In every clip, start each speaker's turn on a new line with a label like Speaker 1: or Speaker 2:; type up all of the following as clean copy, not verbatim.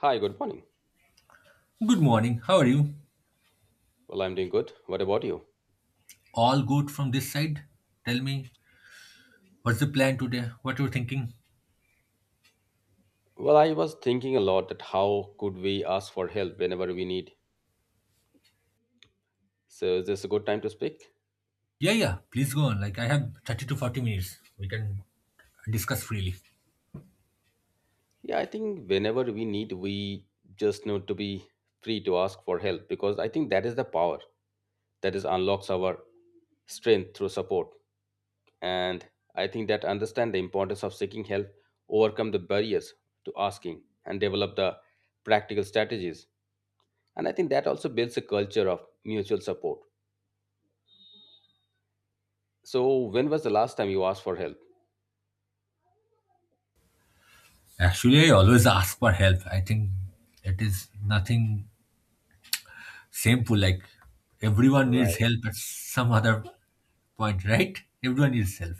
Speaker 1: Hi, good morning.
Speaker 2: Good morning. How are you?
Speaker 1: Well, I'm doing good. What about you?
Speaker 2: All good from this side? Tell me, what's the plan today? What you're thinking?
Speaker 1: Well, I was thinking a lot that how could we ask for help whenever we need. So, is this a good time to speak?
Speaker 2: Yeah, yeah. Please go on. Like I have 30 to 40 minutes. We can discuss freely.
Speaker 1: Yeah, I think whenever we need, we just need to be free to ask for help because I think that is the power that is unlocks our strength through support. And I think that understand the importance of seeking help, overcome the barriers to asking, and develop the practical strategies. And I think that also builds a culture of mutual support. So, when was the last time you asked for help?
Speaker 2: Actually, I always ask for help. I think it is nothing simple. Like everyone needs
Speaker 1: Right.
Speaker 2: help at some other point, right? Everyone needs help,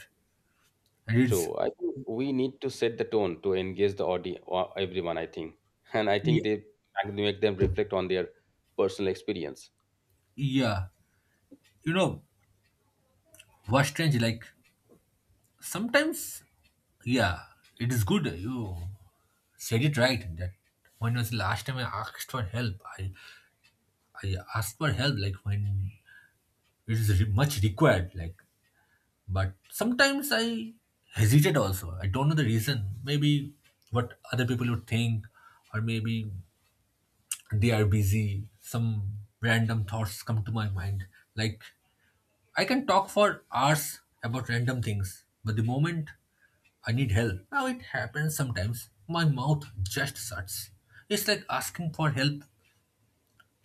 Speaker 2: and it's
Speaker 1: True. I think we need to set the tone to engage the audience, everyone, I think. And I think
Speaker 2: yeah,
Speaker 1: they make them reflect on their personal experience.
Speaker 2: yeah. You know what's strange? Like sometimes, yeah, it is good. You said it right that when was the last time I asked for help? I ask for help like when it is much required. Like, but sometimes I hesitate also. I don't know the reason. Maybe what other people would think, or maybe they are busy. Some random thoughts come to my mind. Like I can talk for hours about random things, but the moment I need help. Now it happens sometimes. My mouth just shuts. It's like asking for help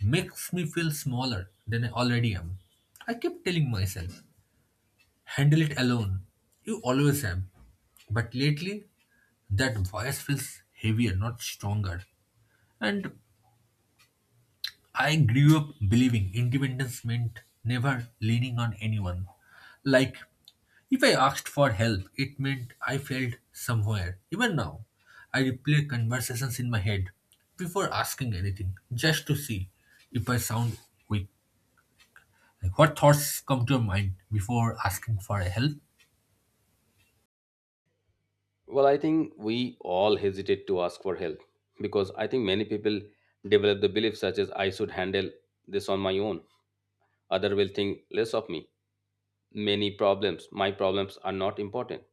Speaker 2: makes me feel smaller than I already am. I kept telling myself, handle it alone. You always have. But lately, that voice feels heavier, not stronger. And I grew up believing independence meant never leaning on anyone. Like, if I asked for help, it meant I failed somewhere. Even now, I replay conversations in my head before asking anything, just to see if I sound weak. Like, what thoughts come to your mind before asking for help?
Speaker 1: Well, I think we all hesitate to ask for help because I think many people develop the belief such as I should handle this on my own. Other will think less of me. Many problems, my problems are not important.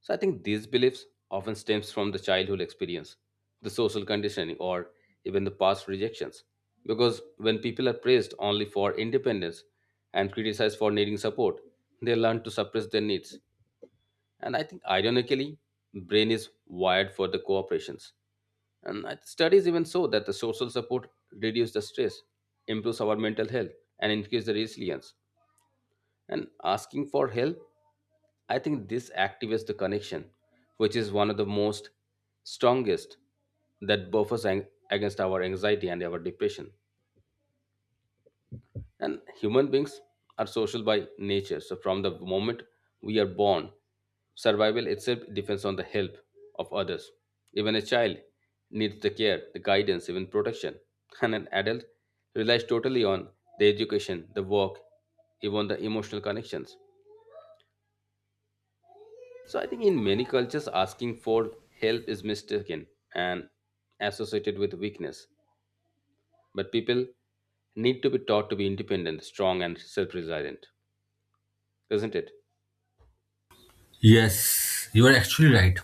Speaker 1: So I think these beliefs often stems from the childhood experience, the social conditioning, or even the past rejections. Because when people are praised only for independence and criticized for needing support, they learn to suppress their needs. And I think ironically, brain is wired for the cooperations. And studies even show that the social support reduces the stress, improves our mental health, and increases the resilience. And asking for help, I think this activates the connection, which is one of the most strongest that buffers against our anxiety and our depression. And human beings are social by nature. So from the moment we are born, survival itself depends on the help of others. Even a child needs the care, the guidance, even protection. And an adult relies totally on the education, the work, even the emotional connections. So I think in many cultures, asking for help is mistaken and associated with weakness. But people need to be taught to be independent, strong, and self resilient, isn't it?
Speaker 2: Yes, you are actually right.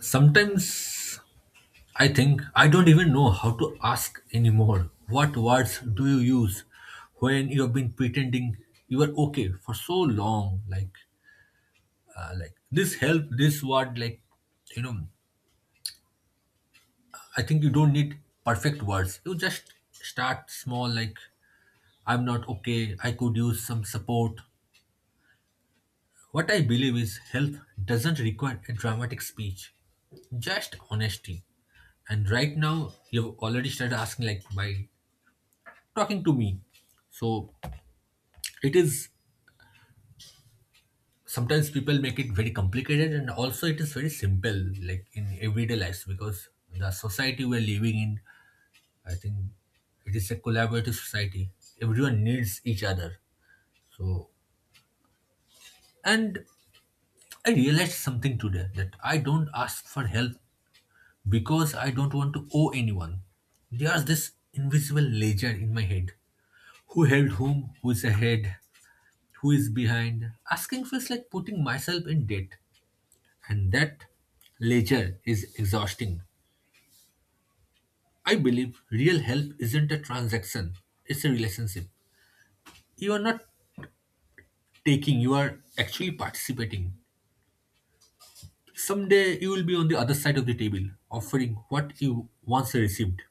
Speaker 2: Sometimes I think I don't even know how to ask anymore. What words do you use when you have been pretending you are okay for so long? Like this help, this word, like, you know, I think you don't need perfect words. You just start small, like, I'm not okay. I could use some support. What I believe is health doesn't require a dramatic speech, just honesty. And right now, you've already started asking, like, by talking to me. So it is sometimes people make it very complicated, and also it is very simple, like in everyday lives, because the society we're living in, I think it is a collaborative society. Everyone needs each other. So, and I realized something today that I don't ask for help because I don't want to owe anyone. There's this invisible ledger in my head. Who held whom? Who is ahead? Who is behind? Asking feels like putting myself in debt, and that ledger is exhausting. I believe real help isn't a transaction, it's a relationship. You are not taking, you are actually participating. Someday you will be on the other side of the table, offering what you once received.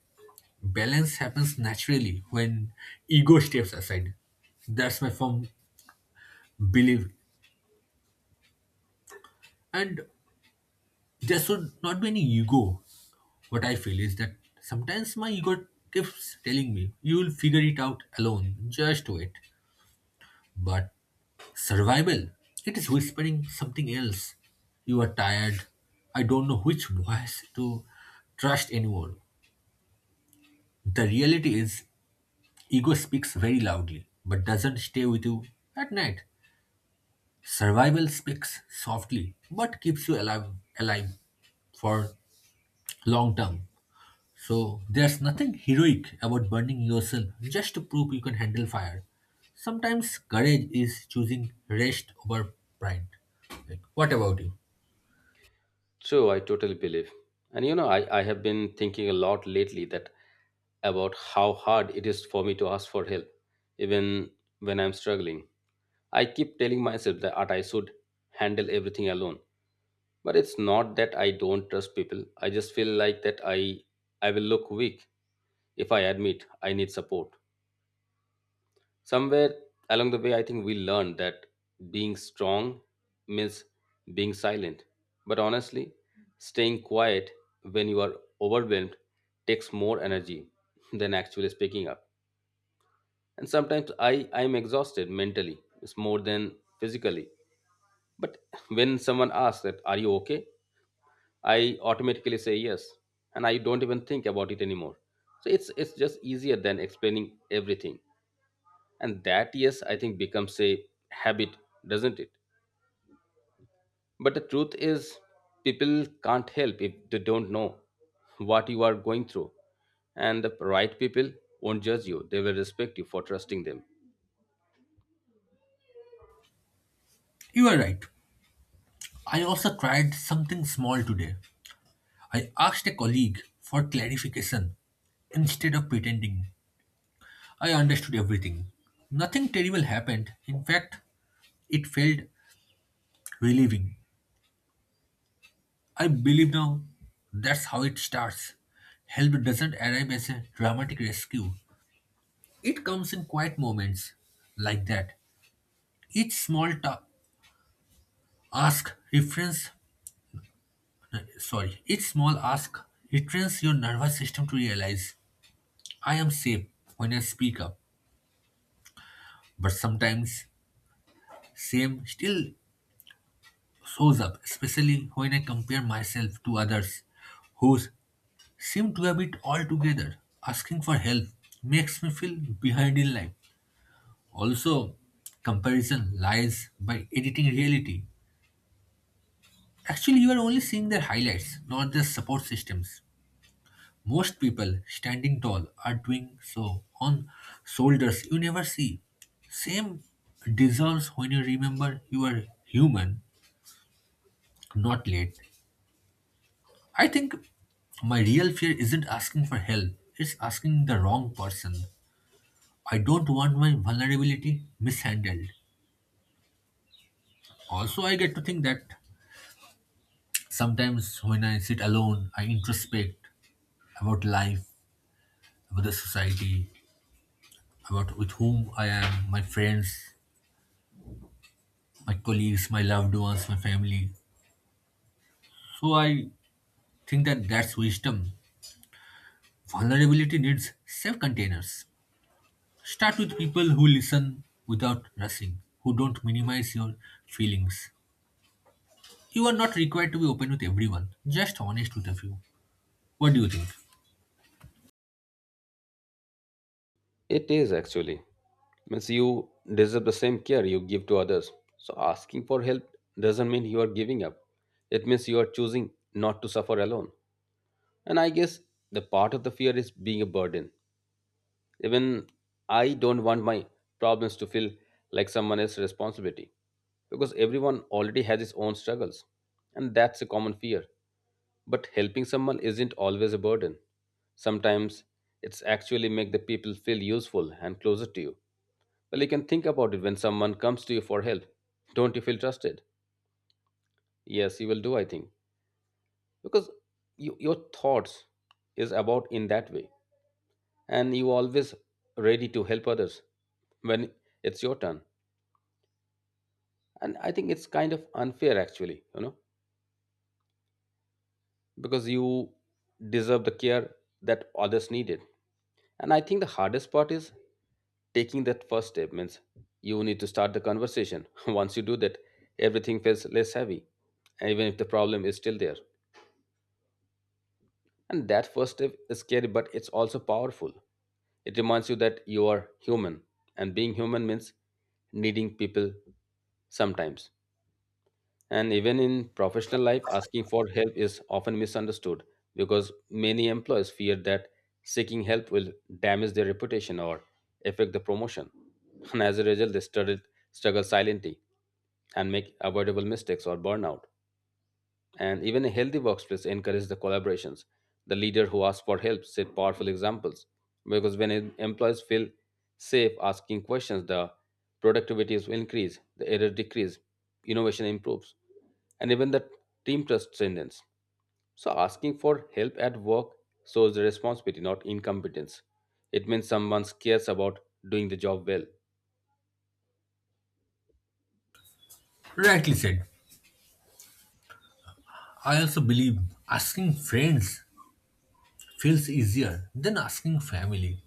Speaker 2: Balance happens naturally when ego steps aside. That's my firm belief. And there should not be any ego. What I feel is that sometimes my ego keeps telling me, you will figure it out alone, just wait. But survival, it is whispering something else. You are tired. I don't know which voice to trust anymore. The reality is, ego speaks very loudly but doesn't stay with you at night. Survival speaks softly but keeps you alive for long term. So there's nothing heroic about burning yourself just to prove you can handle fire. Sometimes courage is choosing rest over pride. Like, what about you?
Speaker 1: True, I totally believe. And you know, I have been thinking a lot lately that about how hard it is for me to ask for help, even when I'm struggling. I keep telling myself that I should handle everything alone, but it's not that I don't trust people. I just feel like that I will look weak if I admit I need support. Somewhere along the way, I think we learned that being strong means being silent, but honestly, staying quiet when you are overwhelmed takes more energy than actually speaking up. And sometimes I am exhausted mentally. It's more than physically. But when someone asks that are you okay, I automatically say yes, and I don't even think about it anymore. So it's just easier than explaining everything. And that yes, I think becomes a habit, doesn't it? But the truth is, people can't help if they don't know what you are going through. And the right people won't judge you; they will respect you for trusting them.
Speaker 2: You are right. I also tried something small today. I asked a colleague for clarification instead of pretending I understood everything. Nothing terrible happened. In fact, it felt relieving. I believe now that's how it starts. Help doesn't arrive as a dramatic rescue. It comes in quiet moments like that. Each small ask refrains each small ask retrains your nervous system to realize I am safe when I speak up. But sometimes same still shows up, especially when I compare myself to others who seem to have it all together. Asking for help makes me feel behind in life. Also, comparison lies by editing reality. Actually, you are only seeing their highlights, not their support systems. Most people standing tall are doing so on shoulders you never see. Same dissolves when you remember you are human, not late. I think my real fear isn't asking for help, it's asking the wrong person. I don't want my vulnerability mishandled. Also, I get to think that sometimes when I sit alone, I introspect about life, about the society, about with whom I am, my friends, my colleagues, my loved ones, my family. So I think that that's wisdom. Vulnerability needs safe containers. Start with people who listen without rushing, who don't minimize your feelings. You are not required to be open with everyone, just honest with a few. What do you think?
Speaker 1: It is actually. Means you deserve the same care you give to others. So asking for help doesn't mean you are giving up. It means you are choosing not to suffer alone. And I guess the part of the fear is being a burden. Even I don't want my problems to feel like someone else's responsibility because everyone already has his own struggles. And that's a common fear. But helping someone isn't always a burden. Sometimes it's actually make the people feel useful and closer to you. Well, you can think about it when someone comes to you for help. Don't you feel trusted? Yes, you will do, I think. Because you, your thoughts is about in that way. And you always ready to help others when it's your turn. And I think it's kind of unfair actually, you know, because you deserve the care that others needed. And I think the hardest part is taking that first step means you need to start the conversation. Once you do that, everything feels less heavy, even if the problem is still there. And that first step is scary, but it's also powerful. It reminds you that you are human, and being human means needing people sometimes. And even in professional life, asking for help is often misunderstood because many employers fear that seeking help will damage their reputation or affect the promotion. And as a result, they struggle silently and make avoidable mistakes or burnout, and even a healthy workplace encourages the collaborations. The leader who asks for help set powerful examples because when employees feel safe asking questions, the productivity will increase, the error decrease, innovation improves, and even the team trust strengthens. So asking for help at work shows the responsibility, not incompetence. It means someone cares about doing the job well.
Speaker 2: Rightly said. I also believe asking friends feels easier than asking family.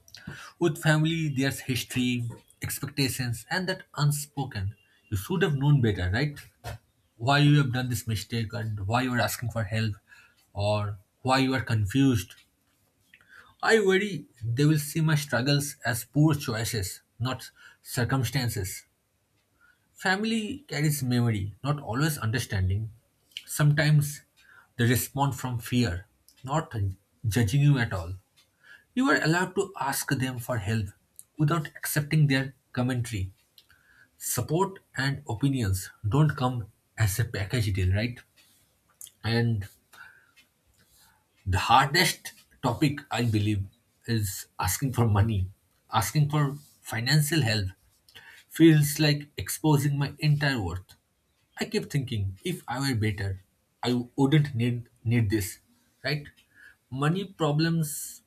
Speaker 2: With family, there's history, expectations, and that unspoken. You should have known better, right? Why you have done this mistake and why you are asking for help or why you are confused. I worry they will see my struggles as poor choices, not circumstances. Family carries memory, not always understanding. Sometimes they respond from fear, not judging you at all. You are allowed to ask them for help without accepting their commentary. Support and opinions don't come as a package deal, right? And the hardest topic, I believe, is asking for money. Asking for financial help feels like exposing my entire worth. I kept thinking if I were better, I wouldn't need this, right? Money problems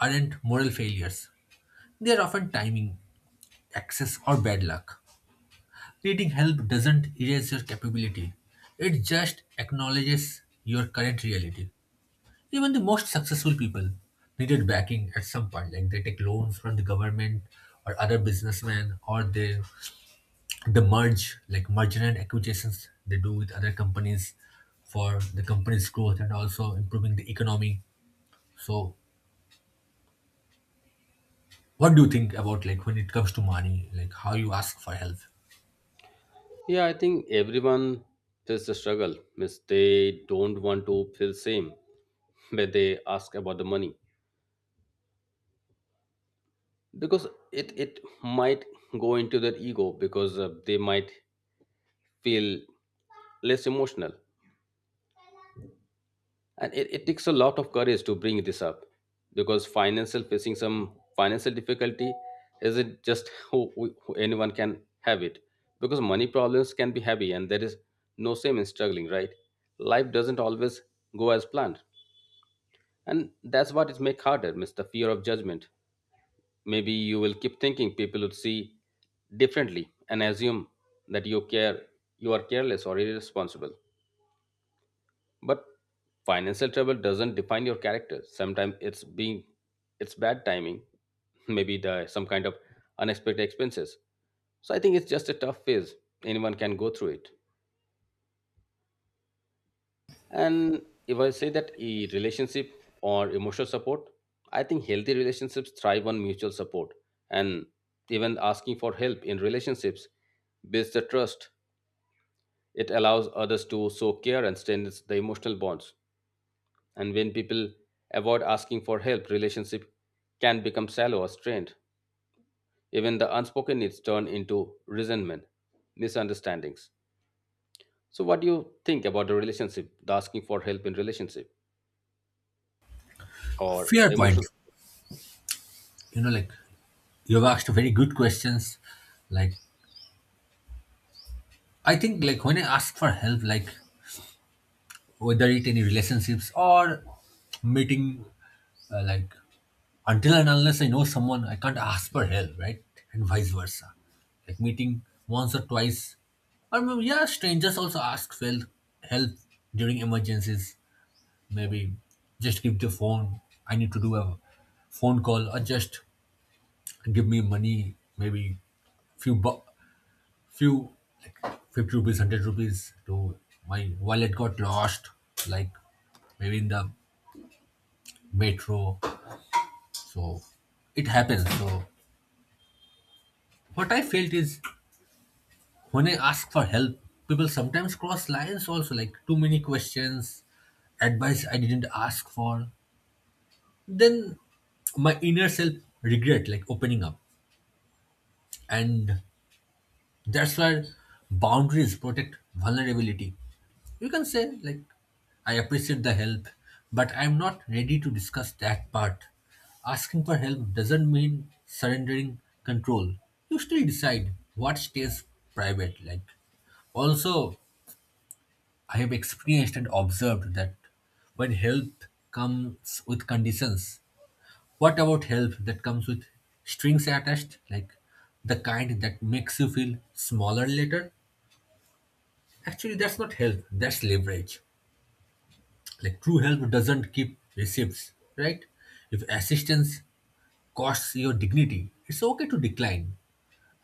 Speaker 2: aren't moral failures. They are often timing, access or bad luck. Needing help doesn't erase your capability, it just acknowledges your current reality. Even the most successful people needed backing at some point, like they take loans from the government or other businessmen, or they, the merge, like merger and acquisitions they do with other companies for the company's growth and also improving the economy. So, what do you think about like when it comes to money, like how you ask for help?
Speaker 1: Yeah, I think everyone feels the struggle. Means they don't want to feel same where they ask about the money because it might go into their ego because they might feel less emotional, and it takes a lot of courage to bring this up because financial, facing some financial difficulty isn't just anyone can have it because money problems can be heavy, and there is no shame in struggling, right? Life doesn't always go as planned, and that's what it makes harder miss the fear of judgment. Maybe you will keep thinking people would see differently and assume that you care, you are careless or irresponsible. But financial trouble doesn't define your character. Sometimes it's being, it's bad timing, maybe the some kind of unexpected expenses. So I think it's just a tough phase. Anyone can go through it. And if I say that a relationship or emotional support, I think healthy relationships thrive on mutual support. And even asking for help in relationships builds the trust. It allows others to show care and strengthens the emotional bonds. And when people avoid asking for help, relationship can become shallow or strained. Even the unspoken needs turn into resentment, misunderstandings. So, what do you think about the relationship, the asking for help in relationship, or
Speaker 2: Fair
Speaker 1: the
Speaker 2: point.
Speaker 1: emotional?
Speaker 2: You know, like, you've asked very good questions. Like, I think, like, when I ask for help, like, whether it any relationships or meeting, like, until and unless I know someone, I can't ask for help, right? And vice versa. Like, meeting once or twice. I mean, yeah, strangers also ask for help during emergencies. Maybe just give the phone. I need to do a phone call or just give me money, maybe few bu- few like 50 rupees, 100 rupees to. My wallet got lost, like maybe in the metro. So it happens. So what I felt is, when I ask for help, people sometimes cross lines also, like too many questions, advice I didn't ask for. Then my inner self regret like opening up, and that's why boundaries protect vulnerability. You can say, like, I appreciate the help, but I'm not ready to discuss that part. Asking for help doesn't mean surrendering control. You still decide what stays private, like. Also, I have experienced and observed that when help comes with conditions, what about help that comes with strings attached, like the kind that makes you feel smaller later? Actually, that's not help, that's leverage. Like, true help doesn't keep receipts, right? If assistance costs your dignity, it's okay to decline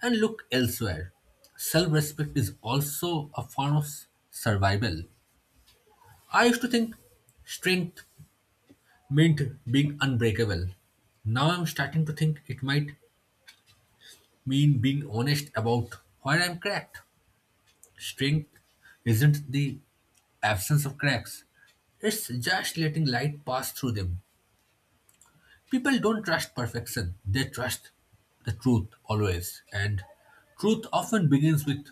Speaker 2: and look elsewhere. Self-respect is also a form of survival. I used to think strength meant being unbreakable. Now I'm starting to think it might mean being honest about where I'm cracked. Strength isn't the absence of cracks, it's just letting light pass through them. People don't trust perfection, they trust the truth always. And truth often begins with,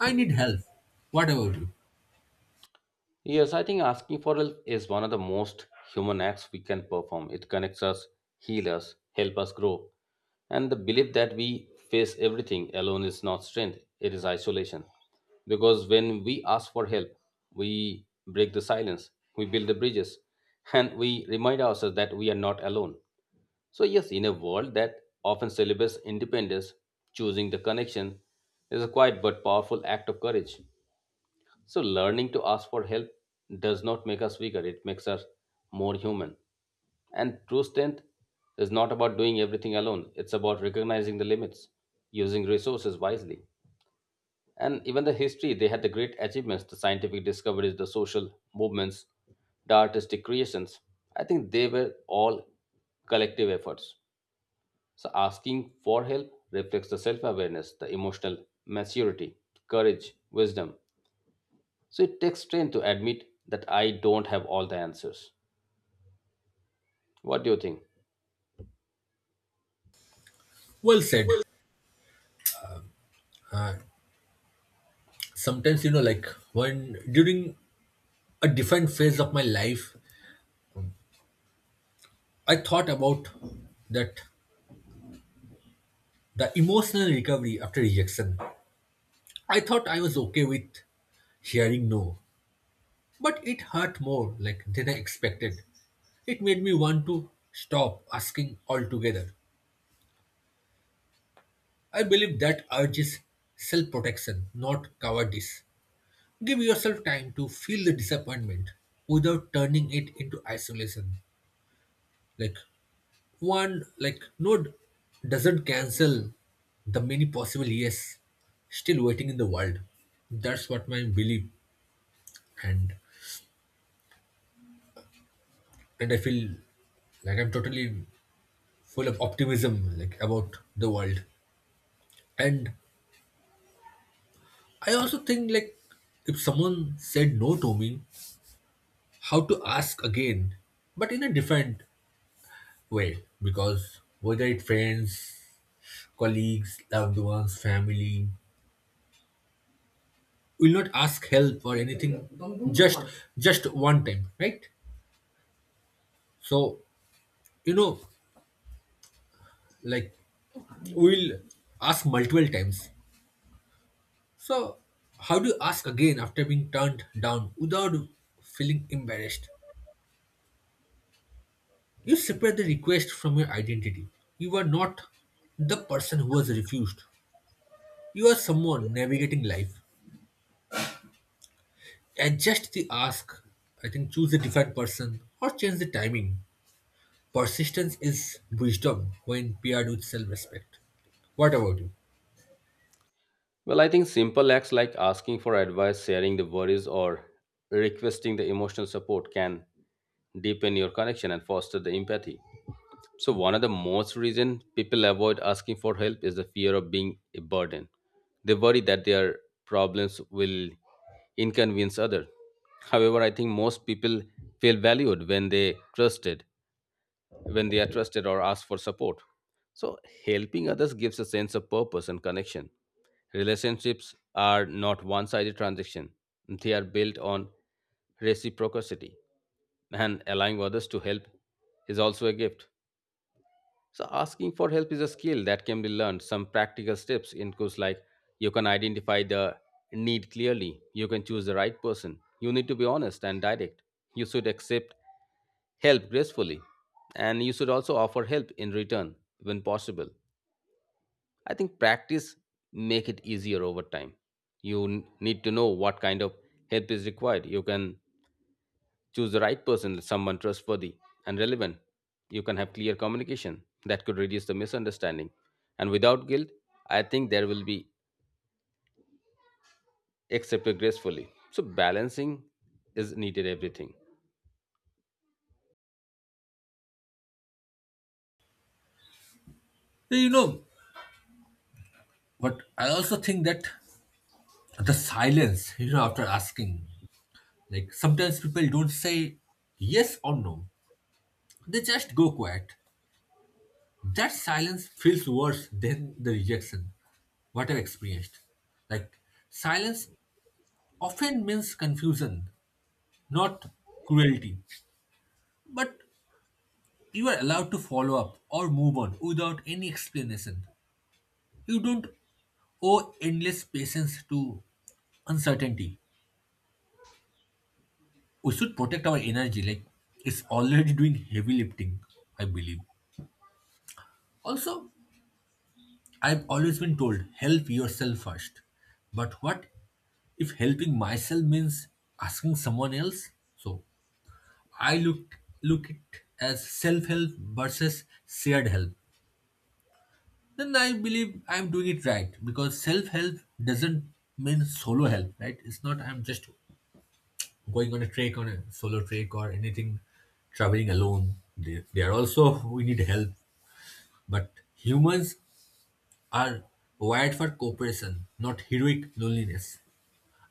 Speaker 2: I need help. What about you?
Speaker 1: Yes, I think asking for help is one of the most human acts we can perform. It connects us, heals us, helps us grow. And the belief that we face everything alone is not strength, it is isolation. Because when we ask for help, we break the silence, we build the bridges, and we remind ourselves that we are not alone. So, yes, in a world that often celebrates independence, choosing the connection is a quiet but powerful act of courage. So, learning to ask for help does not make us weaker, it makes us more human. And true strength is not about doing everything alone, it's about recognizing the limits, using resources wisely. And even the history, they had the great achievements, the scientific discoveries, the social movements, the artistic creations. I think they were all collective efforts. So, asking for help reflects the self awareness, the emotional maturity, courage, wisdom. So it takes strength to admit that I don't have all the answers. What do you think?
Speaker 2: Well said. Sometimes, like when during a different phase of my life, I thought about that the emotional recovery after rejection. I thought I was okay with hearing no, but it hurt more like than I expected. It made me want to stop asking altogether. I believe that urge is self protection, not cowardice. Give yourself time to feel the disappointment without turning it into isolation. Like one, like no doesn't cancel the many possible yes still waiting in the world. That's what my belief, and and I feel like I'm totally full of optimism like about the world. And I also think like if someone said no to me, how to ask again, but in a different way. Because whether it friends, colleagues, loved ones, family, will not ask help or anything, just just one time, right? So you know, like we'll ask multiple times. So how do you ask again after being turned down without feeling embarrassed? You separate the request from your identity. You are not the person who was refused. You are someone navigating life. Adjust the ask, I think choose a different person, or change the timing. Persistence is wisdom when paired with self respect. What about you?
Speaker 1: Well, I think simple acts like asking for advice, sharing the worries, or requesting the emotional support can deepen your connection and foster the empathy. So one of the most reason people avoid asking for help is the fear of being a burden. They worry that their problems will inconvenience others. However, I think most people feel valued when they trusted, when they are trusted or ask for support. So, helping others gives a sense of purpose and connection. Relationships are not one sided transactions; they are built on reciprocity, and allowing others to help is also a gift. So, asking for help is a skill that can be learned. Some practical steps include like you can identify the need clearly, you can choose the right person, you need to be honest and direct, you should accept help gracefully, and you should also offer help in return when possible. I think practice make it easier over time. You need to know what kind of help is required. You can choose the right person, someone trustworthy and relevant. You can have clear communication that could reduce the misunderstanding, and without guilt I think there will be accepted gracefully. So balancing is needed everything.
Speaker 2: You know, but I also think that the silence, after asking, like sometimes people don't say yes or no, they just go quiet. That silence feels worse than the rejection, what I've experienced. Like, silence often means confusion, not cruelty. But you are allowed to follow up or move on without any explanation. You don't owe endless patience to uncertainty. We should protect our energy, like it's already doing heavy lifting, I believe. Also, I've always been told help yourself first. But what if helping myself means asking someone else? So I look it as self-help versus shared help. Then I believe I'm doing it right, because self help doesn't mean solo help, right? It's not I'm just going on a trek, on a solo trek or anything, traveling alone. They are also we need help, but humans are wired for cooperation, not heroic loneliness.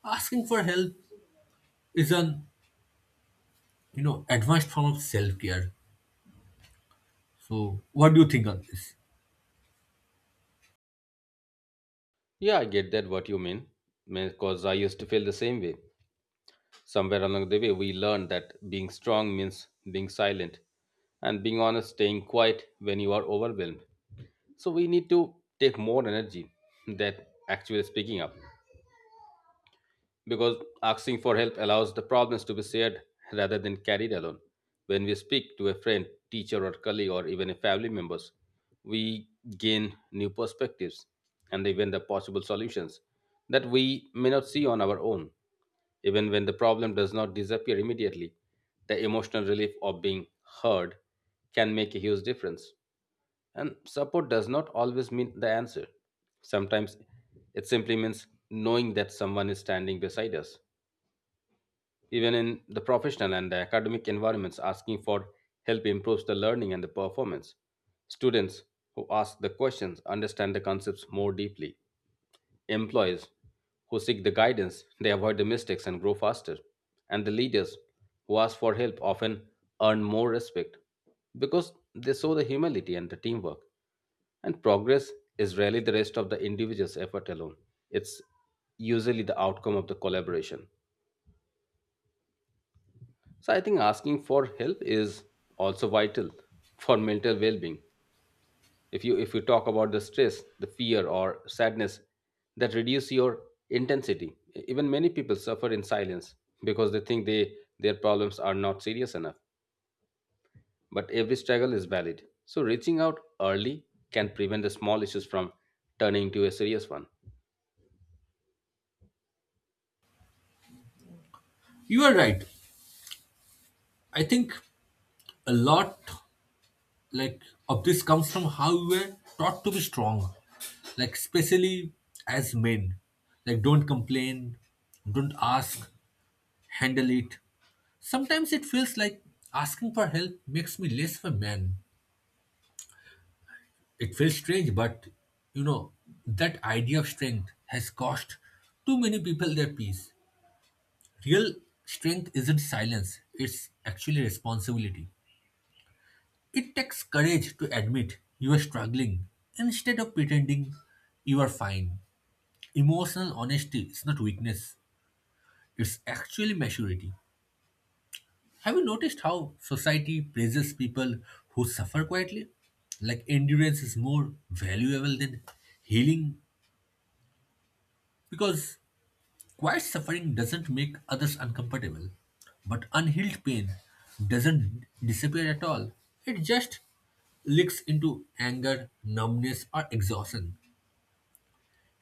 Speaker 2: Asking for help is an advanced form of self care. So what do you think on this?
Speaker 1: Yeah, I get that what you mean because I used to feel the same way. Somewhere along the way, we learn that being strong means being silent and being honest, staying quiet when you are overwhelmed. So we need to take more energy that actually speaking up because asking for help allows the problems to be shared rather than carried alone. When we speak to a friend, teacher, or colleague, or even a family members, we gain new perspectives and even the possible solutions that we may not see on our own. Even when the problem does not disappear immediately, the emotional relief of being heard can make a huge difference. And support does not always mean the answer. Sometimes it simply means knowing that someone is standing beside us even in the professional and academic environments. Asking for help improves the learning and the performance. Students who ask the questions understand the concepts more deeply. Employees who seek the guidance, they avoid the mistakes and grow faster. And the leaders who ask for help often earn more respect because they show the humility and the teamwork. And progress is rarely the rest of the individual's effort alone. It's usually the outcome of the collaboration. So I think asking for help is also vital for mental well-being. If you talk about the stress, the fear or sadness that reduce your intensity. Even many people suffer in silence because they think they their problems are not serious enough. But every struggle is valid. So reaching out early can prevent the small issues from turning into a serious one.
Speaker 2: You are right. I think a lot, like, of this comes from how we were taught to be strong, like especially as men, like don't complain, don't ask, handle it. Sometimes it feels like asking for help makes me less of a man. It feels strange, but you know, that idea of strength has cost too many people their peace. Real strength isn't silence, it's actually responsibility. It takes courage to admit you are struggling instead of pretending you are fine. Emotional honesty is not weakness, it's actually maturity. Have you noticed how society praises people who suffer quietly? Like endurance is more valuable than healing, because quiet suffering doesn't make others uncomfortable, but unhealed pain doesn't disappear at all. It just leaks into anger, numbness, or exhaustion.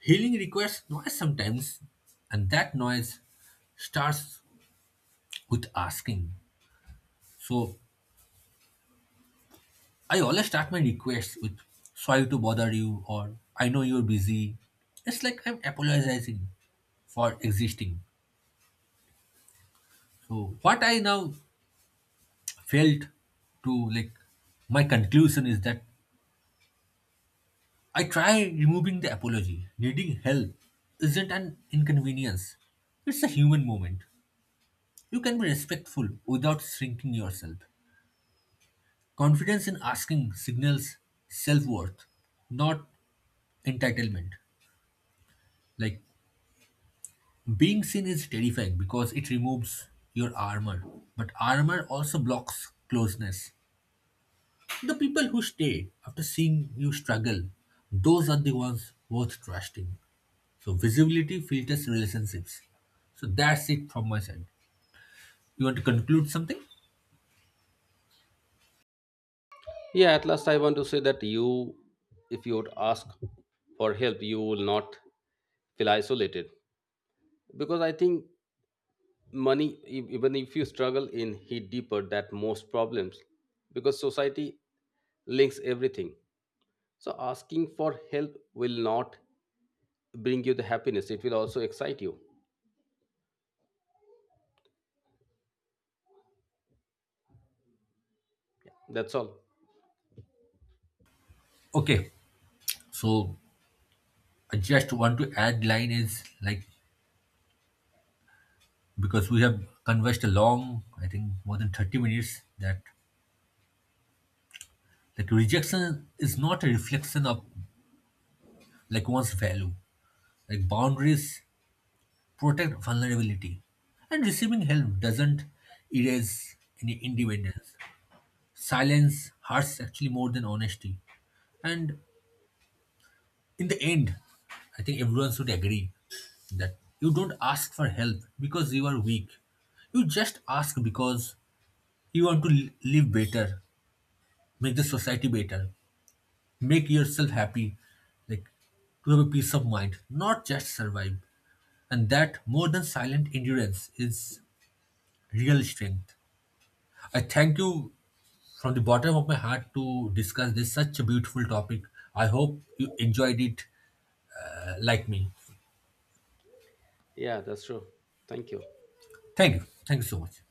Speaker 2: Healing requires noise sometimes, and that noise starts with asking. So I always start my requests with sorry to bother you or I know you're busy. It's like I'm apologizing for existing. So what I now felt to, like, my conclusion is that I try removing the apology. Needing help isn't an inconvenience. It's a human moment. You can be respectful without shrinking yourself. Confidence in asking signals self worth, not entitlement. Like, being seen is terrifying because it removes your armor, but armor also blocks closeness. The people who stay after seeing you struggle, those are the ones worth trusting. So, visibility filters relationships. So, that's it from my side. You want to conclude something?
Speaker 1: Yeah, at last I want to say that you if you would ask for help, you will not feel isolated because I think money even if you struggle in hit deeper that most problems because society links everything. So asking for help will not bring you the happiness, it will also excite you. That's all.
Speaker 2: Okay. So, I just want to add line is like, because we have conversed a long, I think more than 30 minutes, that like rejection is not a reflection of, like, one's value. Like, boundaries protect vulnerability. And receiving help doesn't erase any independence. Silence hurts actually more than honesty. And in the end, I think everyone should agree that you don't ask for help because you are weak. You just ask because you want to live better, make the society better, make yourself happy, like to have a peace of mind, not just survive. And that, more than silent endurance, is real strength. I thank you from the bottom of my heart to discuss this such a beautiful topic. I hope you enjoyed it like me.
Speaker 1: Yeah, that's true. Thank you.
Speaker 2: Thank you. Thank you so much.